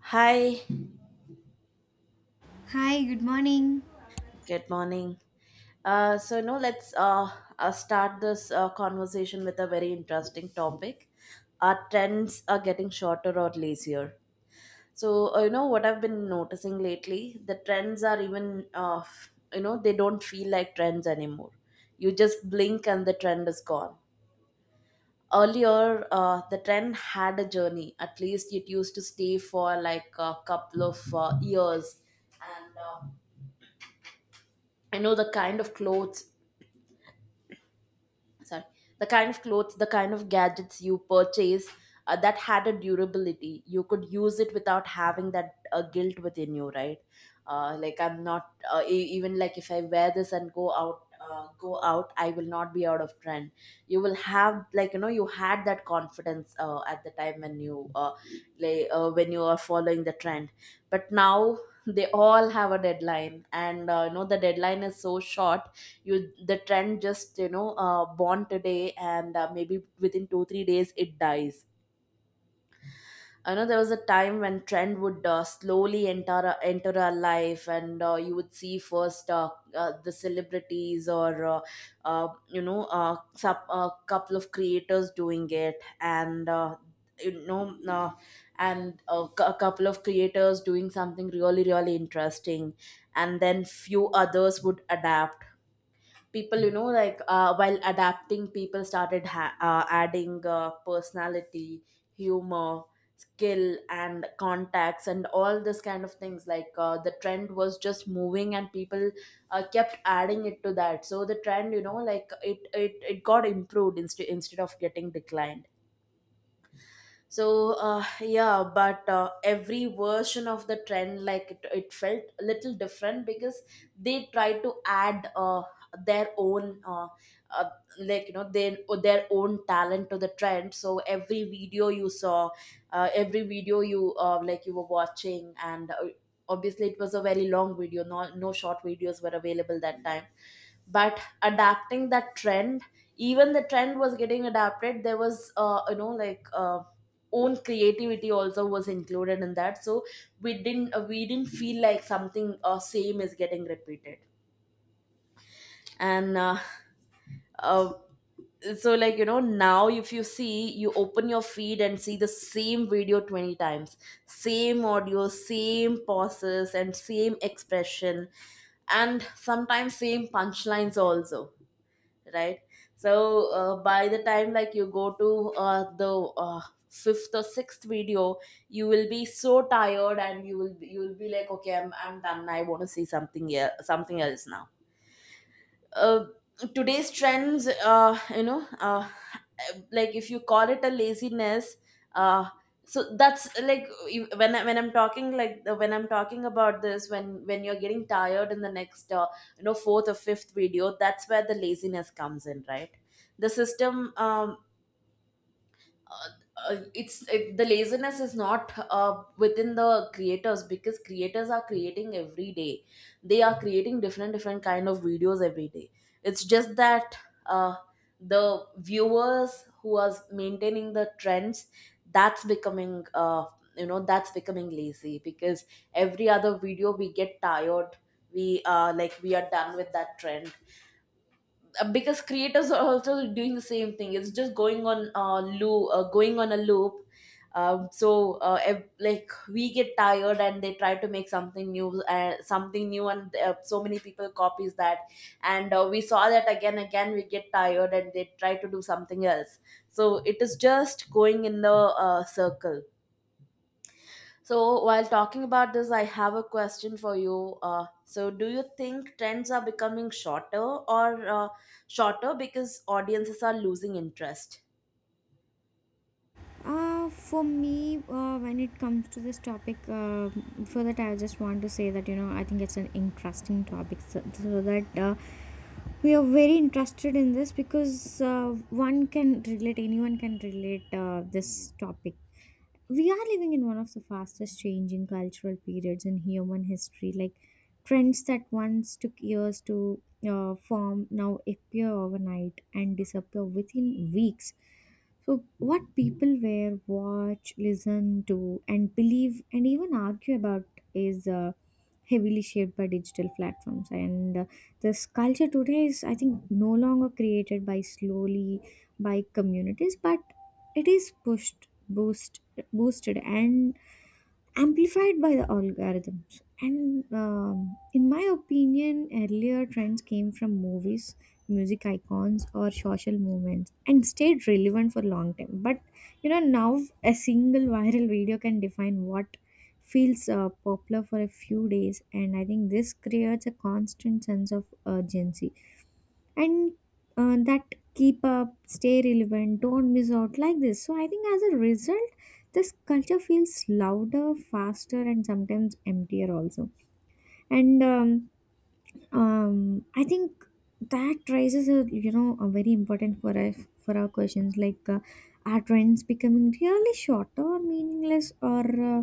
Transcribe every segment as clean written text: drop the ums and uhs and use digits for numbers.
Hi, Hi, good morning. good morning. So now let's start this conversation with a very interesting topic. Our trends are getting shorter or lazier. So, you know what I've been noticing lately, the trends are even they don't feel like trends anymore. You just blink and the trend is gone. Earlier, the trend had a journey. At least it used to stay for like a couple of years, and I know the kind of clothes, sorry, the kind of clothes, the kind of gadgets you purchase, that had a durability. You could use it without having that guilt within you, right? Like, I'm not, even, like, if I wear this and go out, I will not be out of trend. You will have, like, you know, you had that confidence at the time when you like when you are following the trend. But now, they all have a deadline, and you know, the deadline is so short. You, the trend just, you know, born today, and maybe within 2 3 days it dies. I know there was a time when trend would, slowly enter our life, and you would see first, the celebrities, or uh, you know uh, a couple of creators doing it, and you know uh, and a, cou- a couple of creators doing something really really interesting. And then few others would adapt. People, you know, like, while adapting, people started adding personality, humor, skill and contacts and all this kind of things. Like, the trend was just moving and people kept adding it to that, so the trend, you know, like, it got improved instead of getting declined. So, yeah, but every version of the trend, like, it felt a little different because they tried to add their own, uh, like, you know, their own talent to the trend. So every video you, like, you were watching, and obviously it was a very long video. No, no short videos were available that time. But adapting that trend, even the trend was getting adapted, there was, you know, like, own creativity also was included in that. So we didn't feel like something same is getting repeated. And uh, uh, so like, you know, now if you see, you open your feed and see the same video 20 times, same audio, same pauses and same expression, and sometimes same punchlines also, right? So, by the time, like, you go to, the, uh, fifth or sixth video, you will be so tired and you will be like, okay, I'm done, I want to see something, yeah, something else now. uh, Today's trends, you know, like, if you call it a laziness, uh, so that's like, when I'm talking, like, when I'm talking about this, when you're getting tired in the next, you know, fourth or fifth video, that's where the laziness comes in, right? The system, uh, the laziness is not, within the creators, because creators are creating every day. They are creating different different kind of videos every day. It's just that, uh, the viewers who are maintaining the trends, that's becoming, you know, that's becoming lazy, because every other video we get tired, we, like, we are done with that trend. Because creators are also doing the same thing, it's just going on, loop going on a loop. So, like, we get tired and they try to make something new, and so many people copies that. And we saw that again again, we get tired and they try to do something else. So it is just going in the, circle. So, while talking about this, I have a question for you. So, do you think trends are becoming shorter because audiences are losing interest? For me, when it comes to this topic, for that I just want to say that you know I think it's an interesting topic, so that we are very interested in this because one can relate, anyone can relate this topic. We are living in one of the fastest changing cultural periods in human history, like trends that once took years to form now appear overnight and disappear within weeks. So what people wear, watch, listen to, and believe, and even argue about is heavily shaped by digital platforms, and this culture today is, I think, no longer created by slowly by communities, but it is pushed, boosted, and amplified by the algorithms. And in my opinion, earlier trends came from movies, music icons, or social movements and stayed relevant for long time. But you know, now a single viral video can define what feels popular for a few days, and I think this creates a constant sense of urgency and that keep up, stay relevant, don't miss out, like this. So I think as a result, this culture feels louder, faster, and sometimes emptier also. And I think that raises a, you know, a very important for us, for our questions, like are trends becoming really shorter or meaningless, or uh,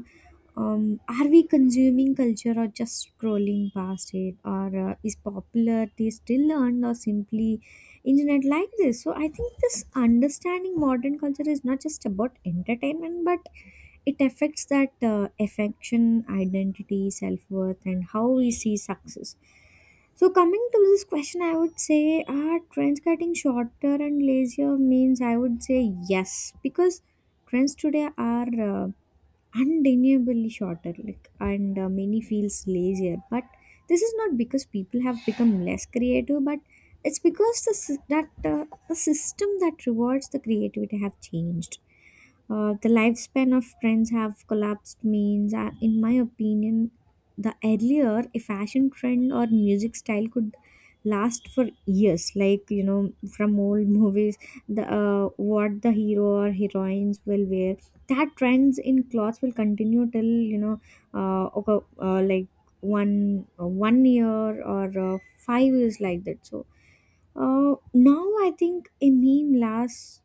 um, are we consuming culture or just scrolling past it, or is popularity still earned or simply internet, like this. So I think this understanding modern culture is not just about entertainment, but it affects that affection, identity, self-worth, and how we see success. So coming to this question, I would say, are trends getting shorter and lazier, means I would say yes, because trends today are undeniably shorter, like, and many feels lazier, but this is not because people have become less creative, but it's because the system that rewards the creativity have changed. The lifespan of trends have collapsed, means in my opinion, the earlier a fashion trend or music style could last for years, like you know, from old movies, the what the hero or heroines will wear, that trends in clothes will continue till, you know okay, like 1 year or 5 years like that. So now I think a meme lasts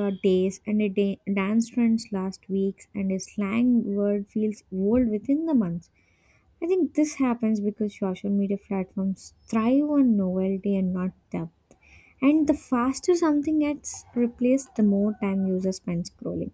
days, and a dance trends last weeks, and a slang word feels old within the months. I think this happens because social media platforms thrive on novelty and not depth, and the faster something gets replaced, the more time users spend scrolling.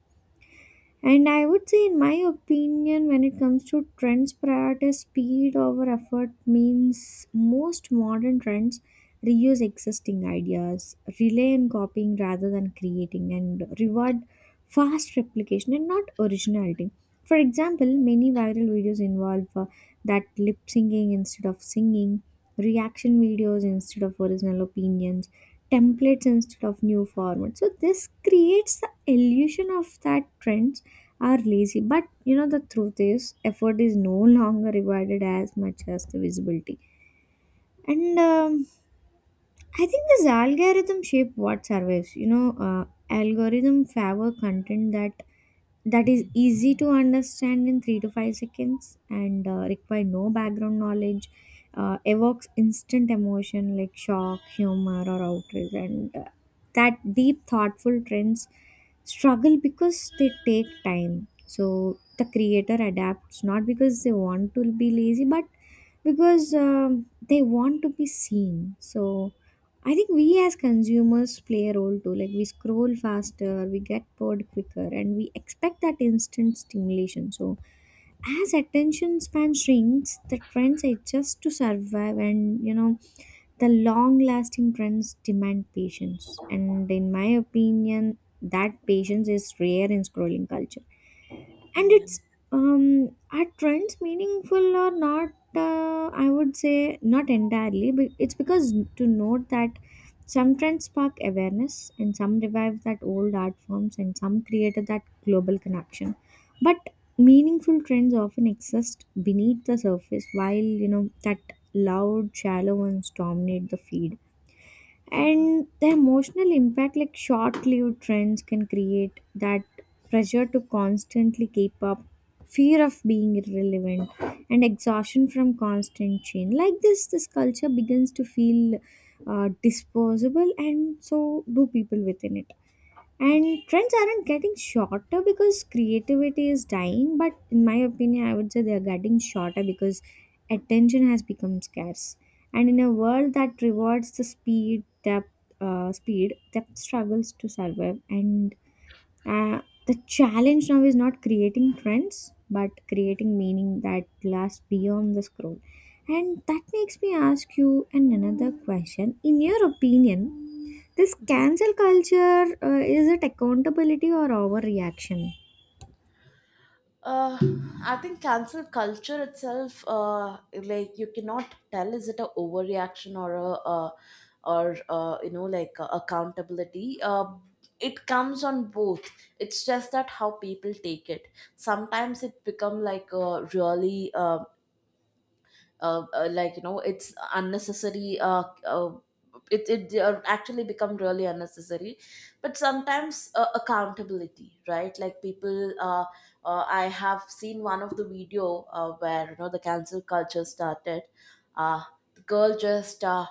And I would say, in my opinion, when it comes to trends, prioritize speed over effort, means most modern trends reuse existing ideas, rely on copying rather than creating, and reward fast replication and not originality. For example, many viral videos involve that lip syncing instead of singing, reaction videos instead of original opinions, templates instead of new formats. So this creates the illusion of that trends are lazy. But you know, the truth is effort is no longer rewarded as much as the visibility. And I think this algorithm shape what survives. You know, algorithm favor content that is easy to understand in 3 to 5 seconds and require no background knowledge. Evokes instant emotion like shock, humor, or outrage, and that deep, thoughtful trends struggle because they take time. So the creator adapts not because they want to be lazy, but because they want to be seen. So I think we as consumers play a role too. Like, we scroll faster, we get bored quicker, and we expect that instant stimulation. So as attention span shrinks, the trends adjust to survive, and you know, the long lasting trends demand patience. And in my opinion, that patience is rare in scrolling culture, and Yeah. it's, um are trends meaningful or not? I would say not entirely, but it's because to note that some trends spark awareness, and some revive that old art forms, and some created that global connection. But meaningful trends often exist beneath the surface, while that loud shallow ones dominate the feed. Mhm. And the emotional impact, like short-lived trends can create that pressure to constantly keep up, fear of being irrelevant, and exhaustion from constant change. Like this culture begins to feel disposable, and so do people within it. And trends aren't getting shorter because creativity is dying, but in my opinion, I would say they are getting shorter because attention has become scarce. And in a world that rewards the speed, depth struggles to survive, and uh, the challenge now is not creating trends, but creating meaning that lasts beyond the scroll. And that makes me ask you an another question. In your opinion, this cancel culture, is it accountability or overreaction? Uh, I think cancel culture itself, like, you cannot tell, is it a overreaction or, you know, like, accountability. It comes on both. It's just that how people take it. Sometimes it become like a really, like, you know, it's unnecessary, it, it actually become really unnecessary. But sometimes, accountability, right? Like, people I have seen one of the video, where, you know, the cancel culture started. uh, the girl just,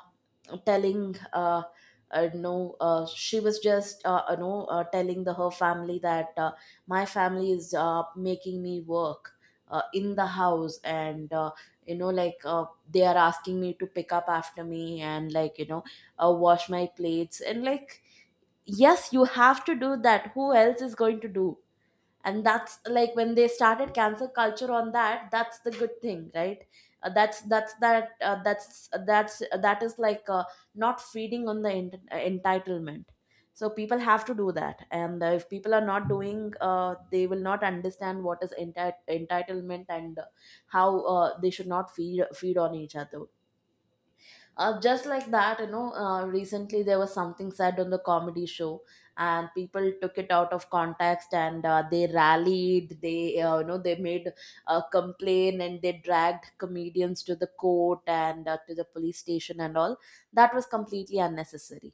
telling no, she was just, you know, telling the her family that, my family is making me work, in the house, and you know, like, they are asking me to pick up after me and, like, you know, wash my plates, and like, yes, you have to do that. Who else is going to do? And that's like when they started cancer culture on that. That's the good thing, right? Uh, that's that's that uh, that's that's that is like, not feeding on the entitlement. So people have to do that, and if people are not doing, they will not understand what is entitlement, and how, they should not feed on each other. Just like that, you know, recently there was something said on the comedy show. And people took it out of context, and they rallied, they you know, they made a complaint, and they dragged comedians to the court, and to the police station and all. That was completely unnecessary.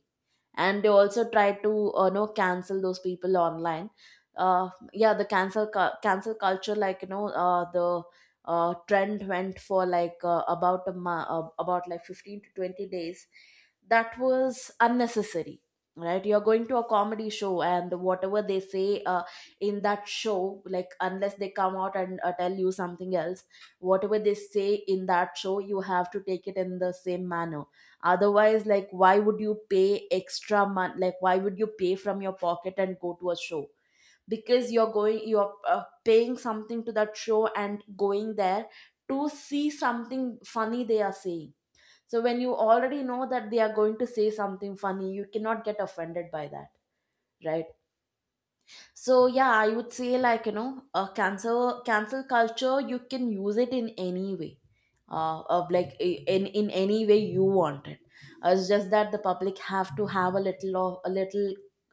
And they also try to, know, cancel those people online. Yeah, the cancel culture, like, you know, the trend went for like, about like 15 to 20 days. That was unnecessary. Right? You're going to a comedy show, and whatever they say, in that show, like, unless they come out and, tell you something else, whatever they say in that show, you have to take it in the same manner. Otherwise, like, why would you pay extra money? Like, why would you pay from your pocket and go to a show? Because you're going, you're, paying something to that show and going there to see something funny they are saying. So when you already know that they are going to say something funny, you cannot get offended by that, right? So, yeah, I would say, like, you know, cancel culture, you can use it in any way, in any way you want it. It's just that the public have to have a little of a little,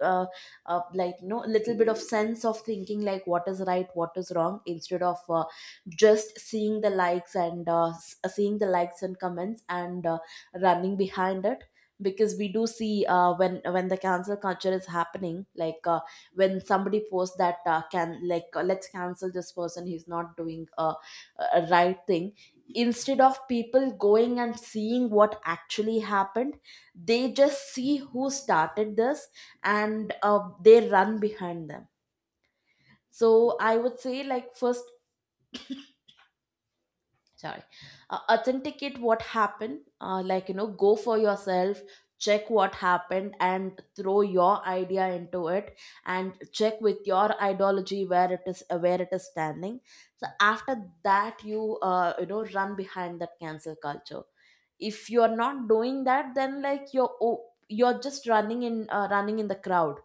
uh, like, you know, a little bit of sense of thinking, like, what is right, what is wrong, instead of, just seeing the likes and, seeing the likes and comments, and, running behind it. Because we do see, when the cancel culture is happening, like, when somebody posts that, can like let's cancel this person, he's not doing a right thing. Instead of people going and seeing what actually happened, they just see who started this, and they run behind them. So I would say, like, first, sorry, authenticate what happened, like, you know, go for yourself, check what happened and throw your idea into it, and check with your ideology where it is standing. So after that, you, you know, run behind that cancel culture. If you're not doing that, then, like, you're just running in the crowd.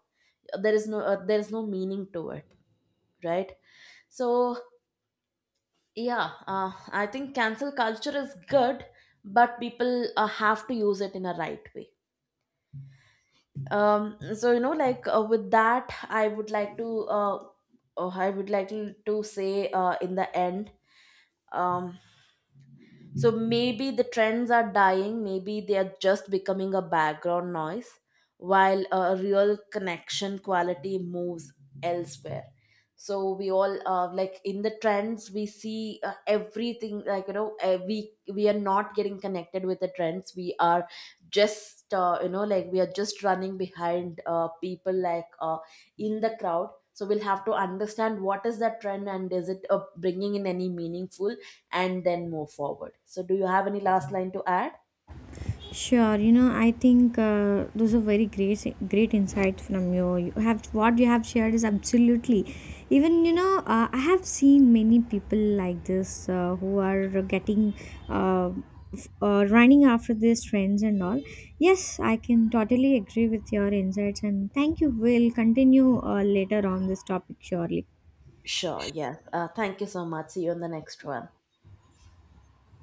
There is no meaning to it, right? So, yeah, I think cancel culture is good, but people, have to use it in a right way. So, you know, like, with that, I would like to, oh, I would like to, say, in the end, um, so maybe the trends are dying, maybe they are just becoming a background noise while a real connection quality moves elsewhere. So we all, like, in the trends we see, everything, like, you know, we are not getting connected with the trends. We are just, you know, like, we are just running behind, people, like, in the crowd. So we'll have to understand what is that trend, and is it, bringing in any meaningful, and then move forward. So, do you have any last line to add? Sure, you know, I think those are very great, great insights from you. You have what you have shared is absolutely. Even you know, I have seen many people like this who are getting, uh, running after these trends and all. Yes, I can totally agree with your insights, and thank you. We'll continue later on this topic, surely. Sure, yes. Thank you so much. See you in the next one.